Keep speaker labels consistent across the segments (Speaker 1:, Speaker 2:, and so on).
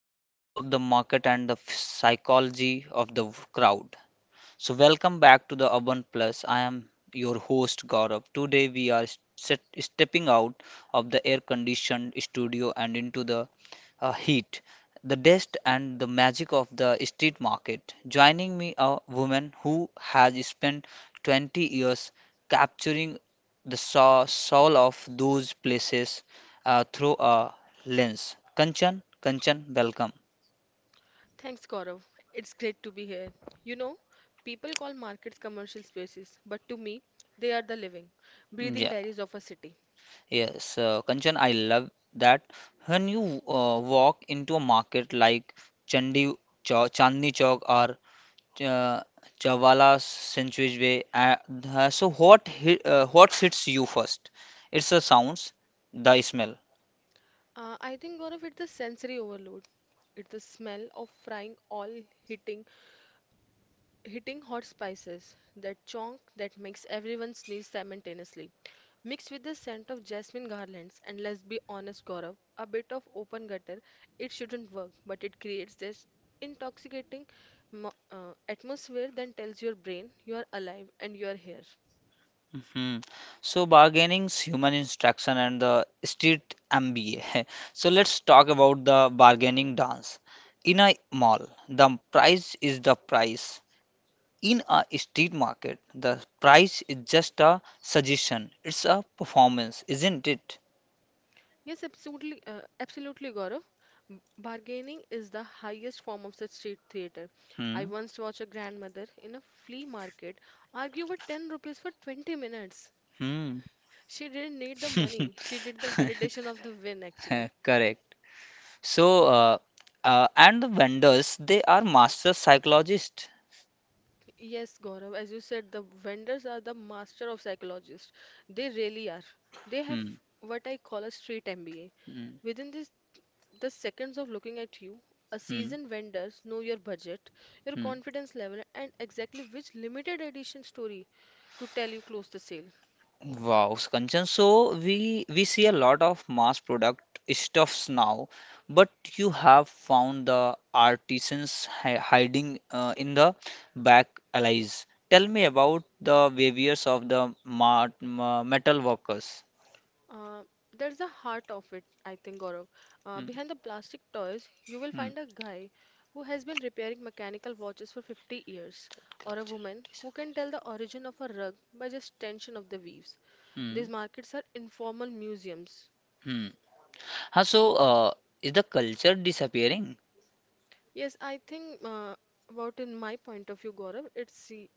Speaker 1: the vibes of the market and the psychology of the crowd. So, welcome back to the Urban Plus. I am your host Gaurav. Today, we are stepping out of the air conditioned studio and into the heat, the dust, and the magic of the street market. Joining me, a woman who has spent 20 years capturing the soul of those places through a lens. Kanchan, welcome.
Speaker 2: Thanks, Gaurav. It's great to be here. You know, people call markets commercial spaces, but to me, they are the living, breathing
Speaker 1: Yeah.
Speaker 2: diaries of a city.
Speaker 1: Yes, Kanchan, I love that. When you walk into a market like Chandi Chandni Chowk or uh, Chawala Century Way, what hits you first? It's the sounds, the smell.
Speaker 2: I think, Gaurav, it's the sensory overload. It's the smell of frying oil hitting hitting hot spices, that chonk that makes everyone sneeze simultaneously, mixed with the scent of jasmine garlands, and let's be honest, Gaurav, a bit of open gutter. It shouldn't work, but it creates this intoxicating atmosphere that tells your brain you are alive and you are here.
Speaker 1: Mhm. So bargaining's human instruction and the street MBA. So let's talk about the bargaining dance. In a mall, the price is the price. In a street market, the price is just a suggestion. It's a performance, isn't it?
Speaker 2: Yes, absolutely, absolutely, Gaurav. Bargaining is the highest form of the street theater. I
Speaker 1: Hmm.
Speaker 2: once watched a grandmother in a flea market argue for 10 rupees for 20 minutes.
Speaker 1: Hmm.
Speaker 2: She didn't need the money. She did the validation of the win, actually.
Speaker 1: Correct. So, uh, and the vendors, they are master psychologists.
Speaker 2: Yes, Gaurav, as you said, the vendors are the master of psychologists. They really are. They have
Speaker 1: Hmm.
Speaker 2: what I call a street MBA.
Speaker 1: Hmm.
Speaker 2: Within this, the seconds of looking at you, a
Speaker 1: Hmm.
Speaker 2: seasoned vendors know your budget, your
Speaker 1: Hmm.
Speaker 2: confidence level, and exactly which limited edition story to tell you close the sale.
Speaker 1: Wow, Kanchan. So we see a lot of mass product stuffs now, but you have found the artisans hi hiding in the back alleys. Tell me about the behaviors of the metal workers.
Speaker 2: Uh, there's the heart of it, I think, Gaurav. Uh,
Speaker 1: Hmm.
Speaker 2: behind the plastic toys, you will
Speaker 1: Hmm.
Speaker 2: find a guy who has been repairing mechanical watches for 50 years, or a woman who can tell the origin of a rug by just tension of the weaves. These
Speaker 1: Hmm.
Speaker 2: markets are informal museums.
Speaker 1: Hmm. Huh, so is the culture disappearing?
Speaker 2: Yes, I think about in my point of view, Gaurav, it's the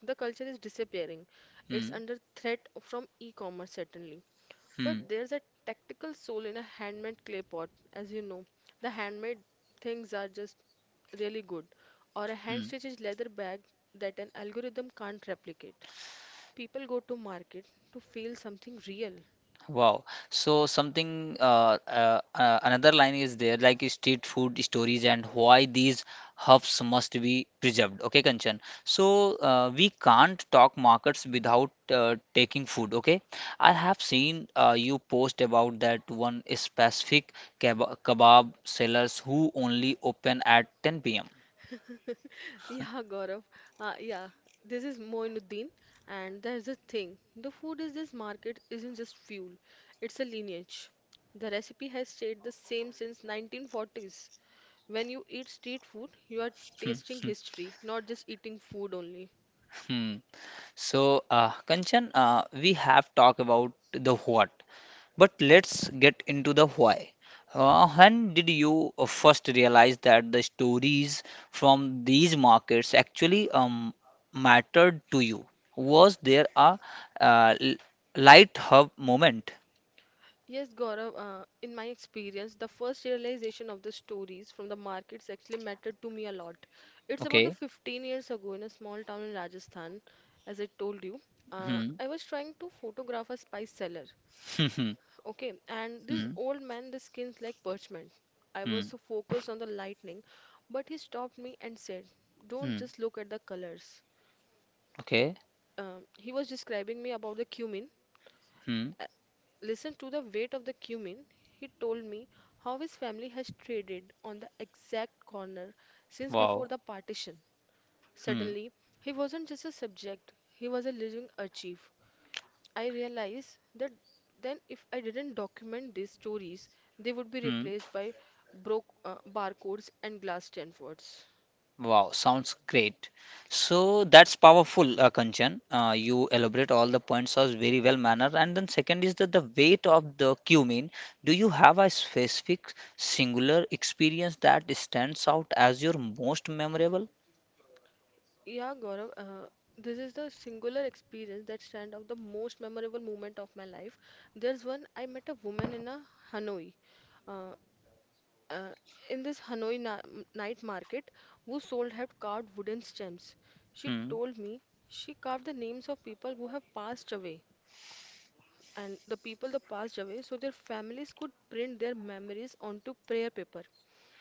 Speaker 2: the culture is disappearing. It's
Speaker 1: Hmm.
Speaker 2: under threat from e-commerce certainly. But
Speaker 1: Hmm.
Speaker 2: there's a tactical soul in a handmade clay pot, as you know. The handmade things are just really good, or a
Speaker 1: Hmm.
Speaker 2: hand-stitched leather bag that an algorithm can't replicate. People go to market to feel something real.
Speaker 1: Wow. So something another line is there like street food stories and why these hubs must be preserved. Okay, Kanchan. So we can't talk markets without taking food. Okay, I have seen you post about that one specific kebab sellers who only open at 10 p.m.
Speaker 2: Yeah, Gaurav. Uh, yeah, this is Moinuddin, and there's a thing. The food is this market isn't just fuel; it's a lineage. The recipe has stayed the same since 1940s. When you eat street food, you are
Speaker 1: Hmm,
Speaker 2: tasting
Speaker 1: hmm,
Speaker 2: history, not just eating food only.
Speaker 1: hmm. So, Kanchan, we have talked about the what, but let's get into the why. When did you first realize that the stories from these markets actually mattered to you? Was there a uh, l- light hub moment?
Speaker 2: Yes, Gaurav, in my experience, the first realization of the stories from the markets actually mattered to me a lot. It's about the
Speaker 1: Okay.
Speaker 2: 15 years ago in a small town in Rajasthan, as I told you. Uh,
Speaker 1: Hmm.
Speaker 2: I was trying to photograph a spice seller,
Speaker 1: Hmm.
Speaker 2: okay, and this
Speaker 1: Hmm.
Speaker 2: old man, the skin's like parchment. I was
Speaker 1: Hmm.
Speaker 2: so focused on the lightning, but he stopped me and said, don't
Speaker 1: Hmm.
Speaker 2: just look at the colors.
Speaker 1: Okay.
Speaker 2: He was describing me about the cumin,
Speaker 1: Hmm.
Speaker 2: listen to the weight of the cumin. He told me how his family has traded on the exact corner since before
Speaker 1: Wow.
Speaker 2: the partition.
Speaker 1: Hmm.
Speaker 2: Suddenly, he wasn't just a subject, he was a living archive. I realized that then if I didn't document these stories, they would be
Speaker 1: Hmm.
Speaker 2: replaced by broke barcodes and glass Stanfords.
Speaker 1: Wow, sounds great. So that's powerful, Kanchan. You elaborate all the points as very well manner. And then second is that the weight of the cumin. Do you have a specific singular experience that stands out as your most memorable?
Speaker 2: Yeah, Gaurav, this is the singular experience that stand out the most memorable moment of my life. There's one I met a woman in a Hanoi, uh, uh, in this Hanoi night market, who sold had carved wooden stems. She
Speaker 1: Hmm.
Speaker 2: told me she carved the names of people who have passed away, and the people that passed away, so their families could print their memories onto prayer paper.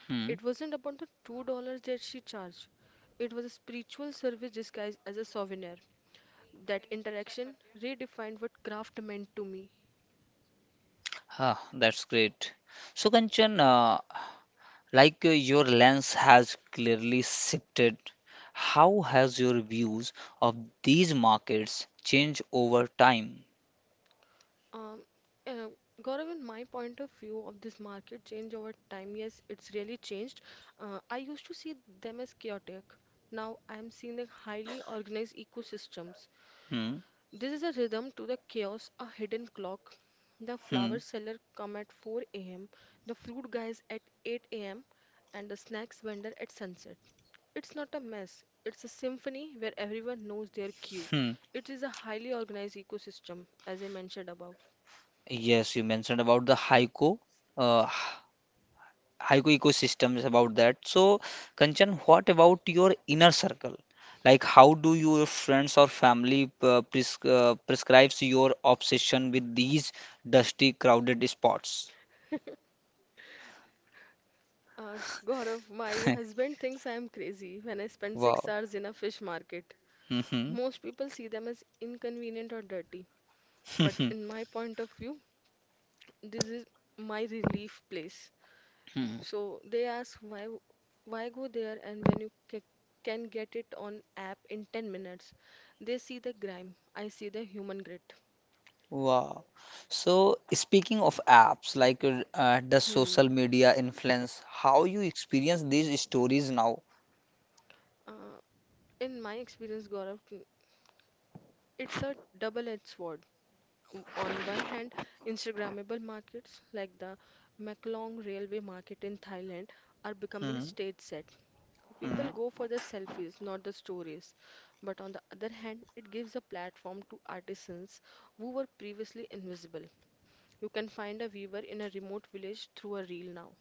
Speaker 1: Hmm.
Speaker 2: It wasn't about the $2 that she charged. It was a spiritual service disguised as a souvenir. That interaction redefined what craft meant to me.
Speaker 1: Ah, that's great. So Kanchan, your lens has clearly shifted, how has your views of these markets changed over time?
Speaker 2: Um, uh, Gaurav, in my point of view of this market change over time, yes, it's really changed. I used to see them as chaotic. Now I am seeing the highly organized ecosystems.
Speaker 1: Hmm.
Speaker 2: This is a rhythm to the chaos, a hidden clock. The
Speaker 1: Hmm.
Speaker 2: flower seller come at 4 a.m., the fruit guys at 8 a.m., and the snacks vendor at sunset. It's not a mess, it's a symphony where everyone knows their cue.
Speaker 1: Hmm.
Speaker 2: It is a highly organized ecosystem, as I mentioned above.
Speaker 1: Yes, you mentioned about the Haiku, uh, Haiku ecosystems about that. So, Kanchan, what about your inner circle? Like, how do your friends or family prescribes your obsession with these dusty, crowded spots?
Speaker 2: Uh, Gaurav, my husband thinks I am crazy when I spend six
Speaker 1: Wow.
Speaker 2: hours in a fish market.
Speaker 1: Hmm.
Speaker 2: Most people see them as inconvenient or dirty, but in my point of view, this is my relief place.
Speaker 1: Hmm.
Speaker 2: So they ask why go there and when you can get it on app in 10 minutes. They see the grime, I see the human grit.
Speaker 1: Wow. So speaking of apps, does
Speaker 2: Hmm.
Speaker 1: social media influence how you experience these stories now?
Speaker 2: Uh, In my experience, Gaurav, it's a double-edged sword. On one hand, Instagrammable markets like the Maklong Railway Market in Thailand are becoming
Speaker 1: Mm-hmm.
Speaker 2: stage set. People go for the selfies, not the stories. But on the other hand, it gives a platform to artisans who were previously invisible. You can find a weaver in a remote village through a reel now.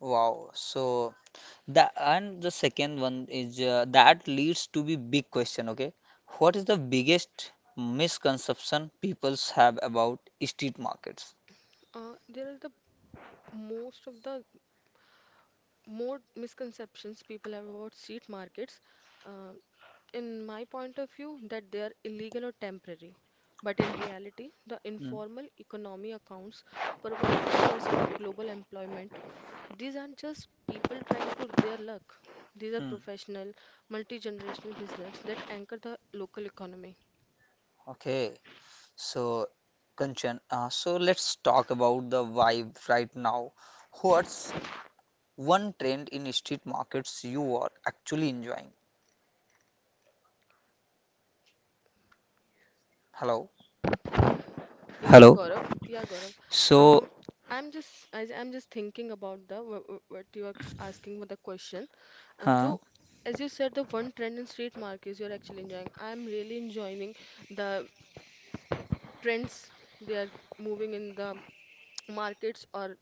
Speaker 1: Wow. So the and the second one is that leads to be big question, okay? What is the biggest misconception peoples have about street markets?
Speaker 2: There are the most of the more misconceptions people have about street markets. Uh, in my point of view, that they are illegal or temporary. But in reality, the
Speaker 1: Hmm.
Speaker 2: informal economy accounts for over 50% of global employment. These aren't just people trying to their luck. These are
Speaker 1: Hmm.
Speaker 2: professional, multi-generational business that anchor the local economy.
Speaker 1: Okay, so Kanchan, so let's talk about the vibe right now. What's one trend in street markets you are actually enjoying? Hello.
Speaker 2: Yeah,
Speaker 1: Hello.
Speaker 2: Gaurav. Yeah, Gaurav.
Speaker 1: So,
Speaker 2: Um, I'm just thinking about the what you are asking for the question. Uh,
Speaker 1: huh?
Speaker 2: so, as you said, the one trend in street markets you're actually enjoying. I'm really enjoying the trends they are moving in the markets or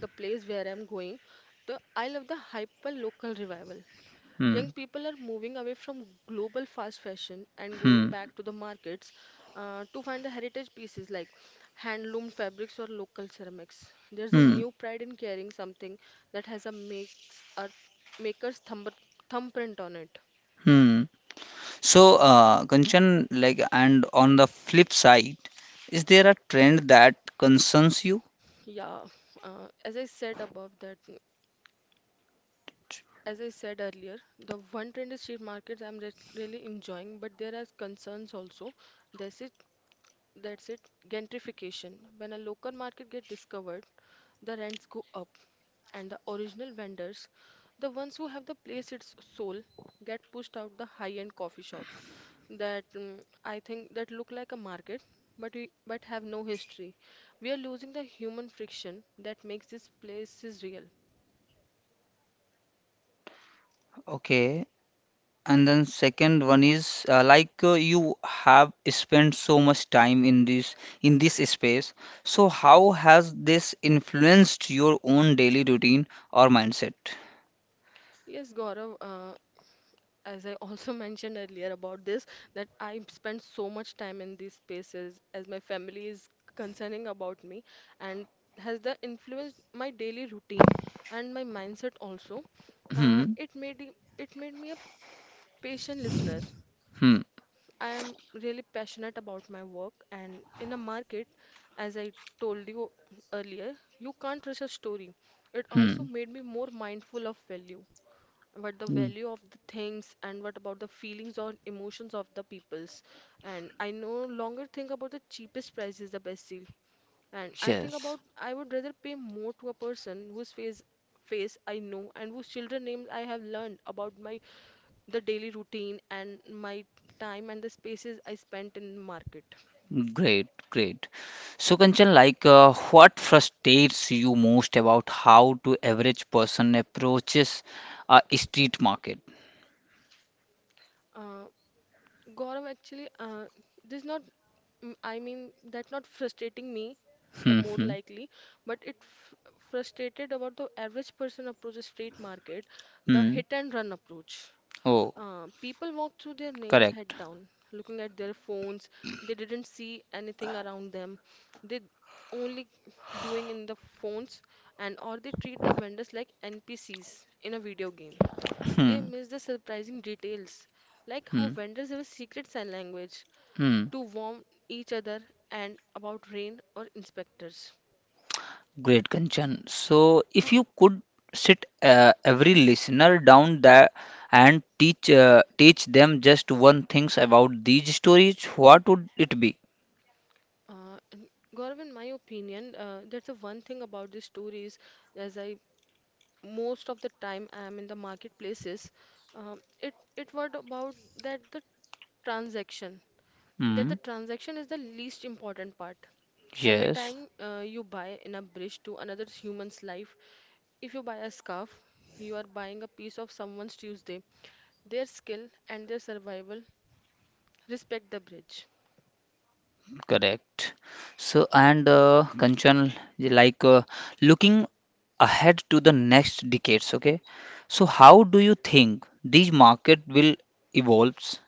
Speaker 2: the place where I'm going. The I love the hyper local revival. Young
Speaker 1: Hmm.
Speaker 2: people are moving away from global fast fashion and going
Speaker 1: Hmm.
Speaker 2: back to the markets to find the heritage pieces like handloom fabrics or local ceramics. There's a
Speaker 1: Hmm.
Speaker 2: new pride in carrying something that has a makes a maker's thumb, thumbprint on it.
Speaker 1: Hmm. So, Kanchan, like, and on the flip side, is there a trend that concerns you?
Speaker 2: Yeah, as I said above that, as I said earlier, the one trend is street markets I'm re really enjoying, but there are concerns also. This is that's it. Gentrification. When a local market gets discovered, the rents go up, and the original vendors, the ones who have the place its soul, get pushed out the high-end coffee shops that I think that look like a market, but we, but have no history. We are losing the human friction that makes these places real.
Speaker 1: Okay. And then second one is you have spent so much time in this space. So how has this influenced your own daily routine or mindset?
Speaker 2: Yes, Gaurav, as I also mentioned earlier about this, that I spend so much time in these spaces as my family is concerning about me and has that influenced my daily routine and my mindset also. Uh,
Speaker 1: Hmm.
Speaker 2: it made it it made me a patient listener.
Speaker 1: Hmm.
Speaker 2: I am really passionate about my work and in a market, as I told you earlier, you can't rush a story. It also
Speaker 1: Hmm.
Speaker 2: made me more mindful of value what the
Speaker 1: Mm.
Speaker 2: value of the things and what about the feelings or emotions of the peoples, and I no longer think about the cheapest price is the best deal, and I think
Speaker 1: Yes.
Speaker 2: about I would rather pay more to a person whose face I know and whose children names I have learned about my the daily routine and my time and the spaces I spent in market.
Speaker 1: Great, great. So, Kanchan, what frustrates you most about how to average person approaches a street market?
Speaker 2: Uh, Gaurav, actually, this not, I mean, that not frustrating me. The
Speaker 1: Hmm,
Speaker 2: more
Speaker 1: hmm,
Speaker 2: likely. But it frustrated about the average person approaches street market, the
Speaker 1: hmm.
Speaker 2: hit and run approach.
Speaker 1: Oh,
Speaker 2: People walked through their names head
Speaker 1: correct.
Speaker 2: down, looking at their phones. They didn't see anything around them. They only doing in the phones and or they treat the vendors like NPCs in a video game. They
Speaker 1: Hmm,
Speaker 2: miss the surprising details, like how
Speaker 1: hmm,
Speaker 2: vendors have a secret sign language
Speaker 1: hmm.
Speaker 2: to warn each other and about rain or inspectors.
Speaker 1: Great, Kanchan. So, if you could sit every listener down there and teach them just one things about these stories, what would it be?
Speaker 2: And Gaurav, in my opinion, that's the one thing about these stories. As I most of the time I am in the marketplaces, it was about that the transaction. That the
Speaker 1: Hmm.
Speaker 2: transaction is the least important part. Every
Speaker 1: Yes.
Speaker 2: time you buy in a bridge to another human's life, if you buy a scarf, you are buying a piece of someone's Tuesday. Their skill and their survival respect the bridge.
Speaker 1: Correct. So, and Kanchan, like uh, looking ahead to the next decades, okay? So, how do you think these market will evolves?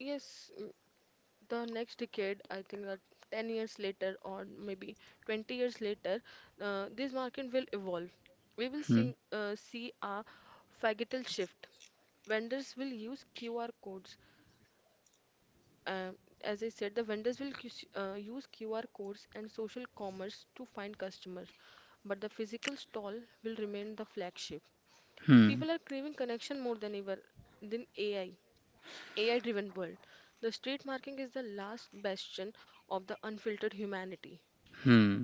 Speaker 2: Yes, the next decade, I think that 10 years later or maybe 20 years later, this market will evolve. We will
Speaker 1: Hmm.
Speaker 2: see, see a phagital shift. Vendors will use QR codes. Uh, as I said, the vendors will use QR codes and social commerce to find customers, but the physical stall will remain the flagship.
Speaker 1: Hmm.
Speaker 2: People are craving connection more than ever than AI. AI driven world. The street marking is the last bastion of the unfiltered humanity.
Speaker 1: Hmm.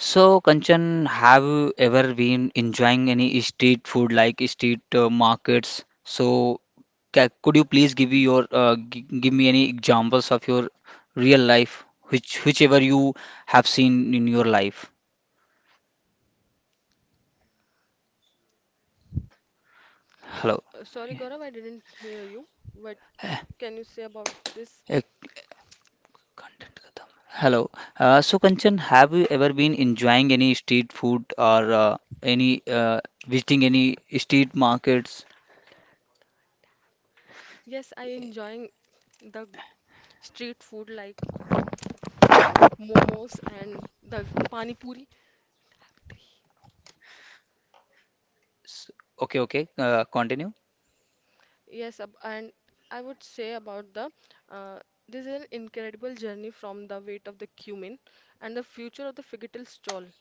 Speaker 1: So, Kanchan, have you ever been enjoying any street food like street markets? So, could you please give me your g give me any examples of your real life, which whichever you have seen in your life? Hello.
Speaker 2: Sorry, Gaurav, I didn't hear you. What can you say about this?
Speaker 1: Content khatam. Hello. So Kanchan, have you ever been enjoying any street food or any visiting any street markets?
Speaker 2: Yes, I enjoying the street food like momos and the pani puri.
Speaker 1: S- Okay, okay. Continue.
Speaker 2: Yes, and I would say about the uh, this is an incredible journey from the weight of the cumin and the future of the figgital stall.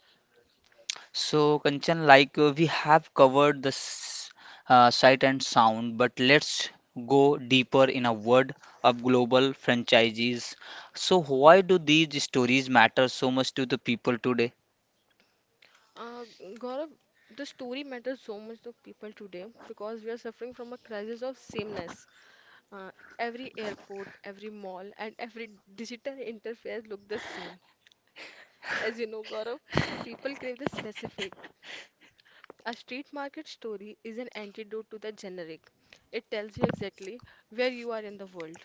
Speaker 1: So Kanchan, we have covered the sight and sound, but let's go deeper in a word of global franchises. So why do these stories matter so much to the people today?
Speaker 2: Uh, Gaurav, the story matters so much to people today because we are suffering from a crisis of sameness. Uh, every airport, every mall, and every digital interface look the same. As you know, Gaurav, people crave the specific. A street market story is an antidote to the generic. It tells you exactly where you are in the world.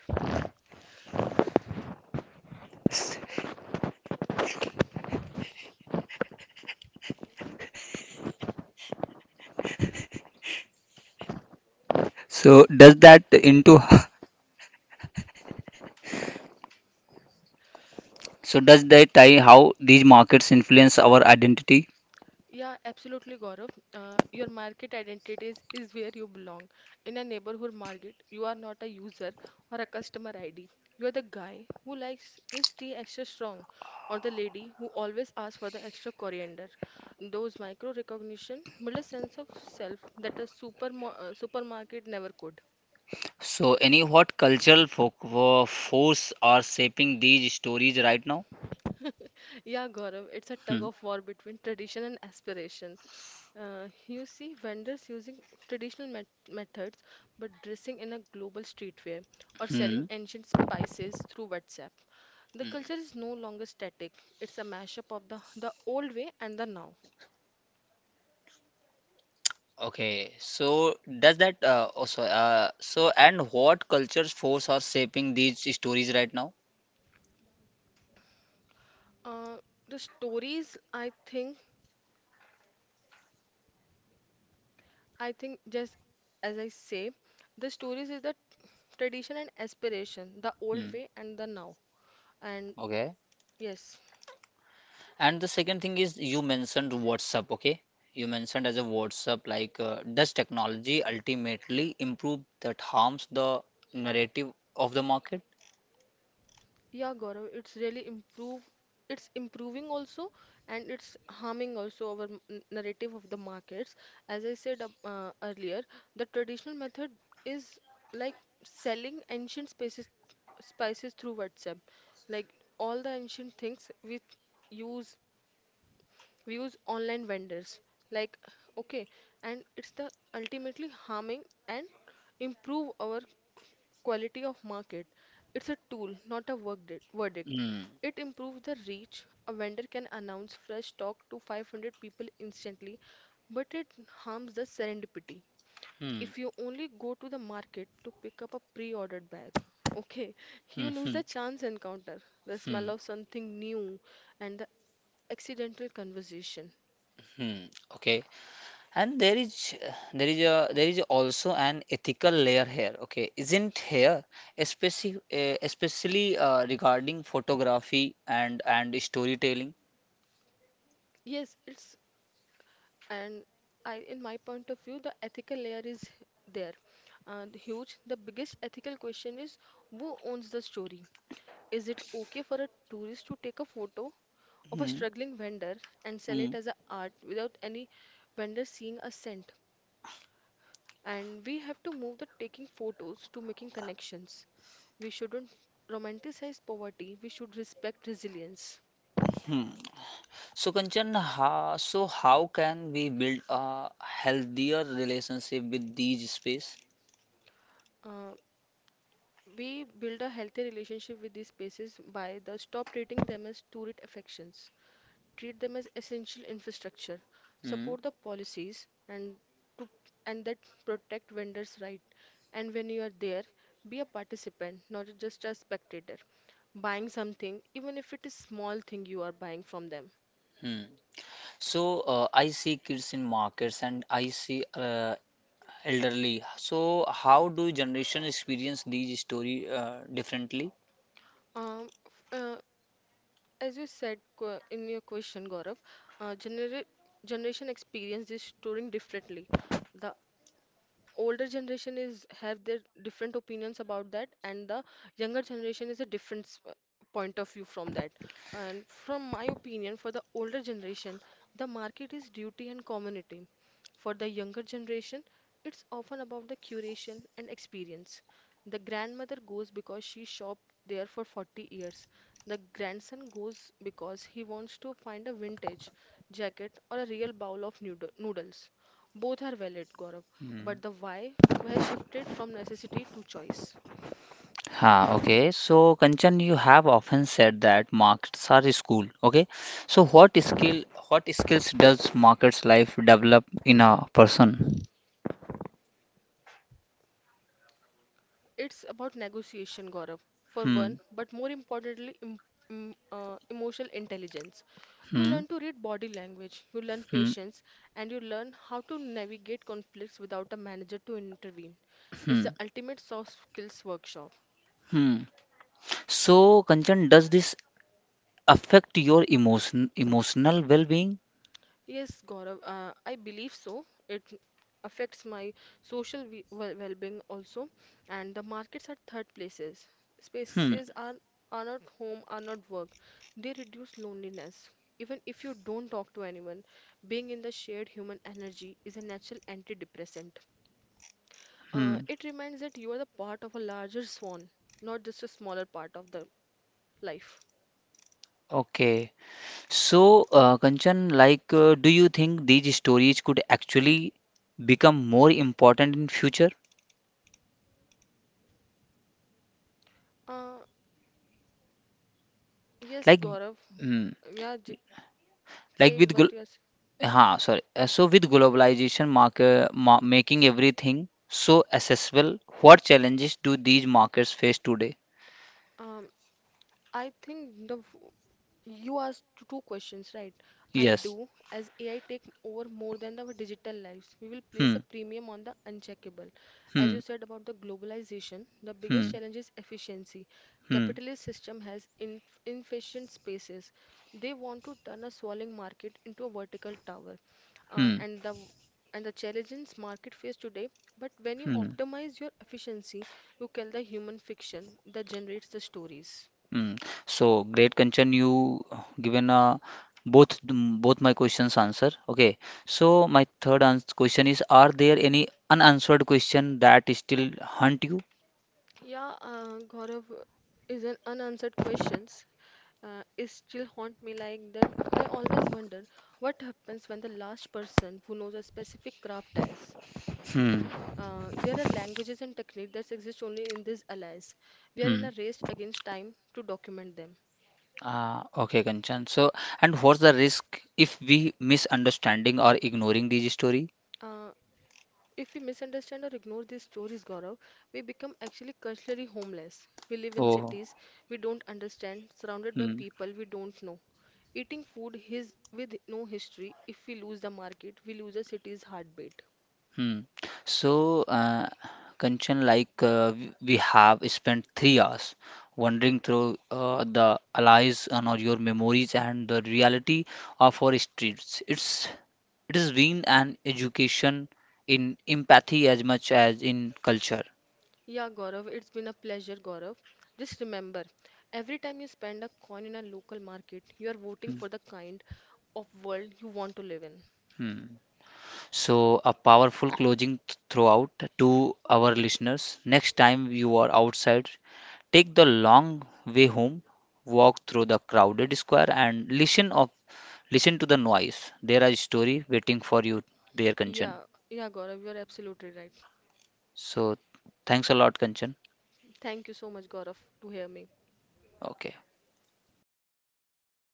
Speaker 1: So does that into So does that tie how these markets influence our identity?
Speaker 2: Yeah, absolutely, Gaurav. Your market identity is where you belong. In a neighborhood market, you are not a user or a customer ID. You are the guy who likes his tea extra strong, or the lady who always asks for the extra coriander. Those micro recognition build a sense of self that a supermarket never could.
Speaker 1: So, any what cultural force are shaping these stories right now?
Speaker 2: Yeah, Gaurav, it's a tug
Speaker 1: Hmm.
Speaker 2: of war between tradition and aspiration. You see vendors using traditional methods but dressing in a global streetwear or
Speaker 1: Hmm.
Speaker 2: selling ancient spices through WhatsApp. The culture is no longer static, it's a mashup of the old way and the now.
Speaker 1: Okay, so does that also so and what cultures force are shaping these stories right now?
Speaker 2: Uh, the stories, I think just as I say, the stories is the tradition and aspiration, the old
Speaker 1: Hmm.
Speaker 2: way and the now. And
Speaker 1: Okay.
Speaker 2: yes,
Speaker 1: And the second thing is you mentioned WhatsApp, okay? You mentioned as a WhatsApp, does technology ultimately improve that harms the narrative of the market?
Speaker 2: yeah, Gaurav, it's really improve. It's improving also, and it's harming also our narrative of the markets. As I said earlier, the traditional method is like selling ancient spices through WhatsApp. Like all the ancient things use, we use online vendors. Like okay, and it's the ultimately harming and improve our quality of market. It's a tool, not a verdict.
Speaker 1: Hmm.
Speaker 2: It improves the reach. A vendor can announce fresh stock to 500 people instantly, but it harms the serendipity.
Speaker 1: Hmm.
Speaker 2: If you only go to the market to pick up a pre-ordered bag, okay, you
Speaker 1: Hmm.
Speaker 2: lose
Speaker 1: Hmm.
Speaker 2: the chance encounter, the smell
Speaker 1: Hmm.
Speaker 2: of something new, and the accidental conversation.
Speaker 1: Hmm. Okay. And there is a there is also an ethical layer here. Okay, isn't here, especially regarding photography and storytelling.
Speaker 2: Yes, it's and I, in my point of view, the ethical layer is there. The biggest ethical question is, who owns the story? Is it okay for a tourist to take a photo of a
Speaker 1: Hmm.
Speaker 2: struggling vendor and sell
Speaker 1: Hmm.
Speaker 2: it as a art without any vendor seeing a cent? And we have to move the taking photos to making connections. We shouldn't romanticize poverty, we should respect resilience.
Speaker 1: Hmm. So Kanchan, ha, so how can we build a healthier relationship with these space?
Speaker 2: Uh, We build a healthy relationship with these spaces by the stop treating them as tourist affections, treat them as essential infrastructure,
Speaker 1: Hmm.
Speaker 2: support the policies to and that protect vendors' right. And when you are there, be a participant, not just a spectator, buying something, even if it is small thing you are buying from them.
Speaker 1: Hmm. So I see kids in markets and I see elderly. So, how do generation experience these story differently?
Speaker 2: Um, f- uh, as you said in your question, Gaurav, uh, genera generation experience this touring differently. The older generation is have their different opinions about that and the younger generation is a different point of view from that, and from my opinion, for the older generation the market is duty and community, for the younger generation it's often about the curation and experience. The grandmother goes because she shopped there for 40 years, the grandson goes because he wants to find a vintage jacket or a real bowl of noodles. Both are valid, Gaurav,
Speaker 1: Hmm.
Speaker 2: but the why has shifted from necessity to choice.
Speaker 1: Ha, okay. So, Kanchan, you have often said that markets are a school. Okay. So, what skills does markets life develop in a person?
Speaker 2: It's about negotiation, Gaurav, for
Speaker 1: Hmm.
Speaker 2: one, but more importantly, emotional intelligence. You
Speaker 1: Hmm.
Speaker 2: learn to read body language, you learn
Speaker 1: Hmm.
Speaker 2: patience, and you learn how to navigate conflicts without a manager to intervene. It's
Speaker 1: Hmm.
Speaker 2: the ultimate soft skills workshop.
Speaker 1: Hmm. So, Kanchan, does this affect your emotional well-being?
Speaker 2: Yes, Gaurav, I believe so. It affects my social well-being also, and the markets are third places.
Speaker 1: Hmm.
Speaker 2: Spaces are not home, are not work. They reduce loneliness. Even if you don't talk to anyone, being in the shared human energy is a natural antidepressant.
Speaker 1: Hmm.
Speaker 2: It reminds that you are the part of a larger swan, not just a smaller part of the life.
Speaker 1: Okay. So, Kanchan, do you think these stories could actually become more important in future?
Speaker 2: Uh, yes,
Speaker 1: Like,
Speaker 2: Gaurav.
Speaker 1: mm,
Speaker 2: Yeah, j-
Speaker 1: like
Speaker 2: Say
Speaker 1: with
Speaker 2: what
Speaker 1: glo-
Speaker 2: you are.
Speaker 1: हाँ, sorry. So with globalization market ma making everything so accessible, what challenges do these markets face today?
Speaker 2: Um, I think you asked two questions, right? I
Speaker 1: Yes.
Speaker 2: do. As AI take over more than our digital lives, we will place
Speaker 1: Hmm.
Speaker 2: a premium on the uncheckable. As
Speaker 1: Hmm.
Speaker 2: you said about the globalization, the
Speaker 1: Hmm.
Speaker 2: biggest challenge is efficiency.
Speaker 1: Hmm.
Speaker 2: Capitalist system has inefficient spaces. They want to turn a swallowing market into a vertical tower, uh,
Speaker 1: Hmm.
Speaker 2: and the and the challenges market face today. But when you
Speaker 1: Hmm.
Speaker 2: optimize your efficiency, you kill the human fiction that generates the stories.
Speaker 1: Mm. So great, Kanchan, you given both my questions answer. Okay. So my third ans question is, are there any unanswered question that still haunt you?
Speaker 2: Yeah, Gaurav is an unanswered questions. It still haunt me like that. I always wonder what happens when the last person who knows a specific craft dies.
Speaker 1: Hmm.
Speaker 2: There are languages and techniques that exist only in these allies. We are in
Speaker 1: Hmm.
Speaker 2: a race against time to document them.
Speaker 1: Ah, okay, Kanchan. So, and what's the risk if we misunderstanding or ignoring these story?
Speaker 2: Uh, If we misunderstand or ignore these stories, Gaurav, we become actually culturally homeless. We live in
Speaker 1: Oh.
Speaker 2: cities we don't understand, surrounded by
Speaker 1: Hmm.
Speaker 2: people we don't know. Eating food his, with no history, if we lose the market, we lose a city's heartbeat.
Speaker 1: Hmm. So, uh, Kanchan, we have spent 3 hours wandering through the allies and all your memories and the reality of our streets. It's it has been an education in empathy as much as in culture.
Speaker 2: Yeah, Gaurav, it's been a pleasure, Gaurav. Just remember, every time you spend a coin in a local market, you are voting for the kind of world you want to live in.
Speaker 1: Hmm. So, a powerful closing throughout to our listeners. Next time you are outside, take the long way home, walk through the crowded square and listen to the noise. There are story waiting for you there, Kanchan.
Speaker 2: Yeah, yeah, Gaurav, you are absolutely right.
Speaker 1: So, thanks a lot, Kanchan.
Speaker 2: Thank you so much, Gaurav, to hear me.
Speaker 1: Okay.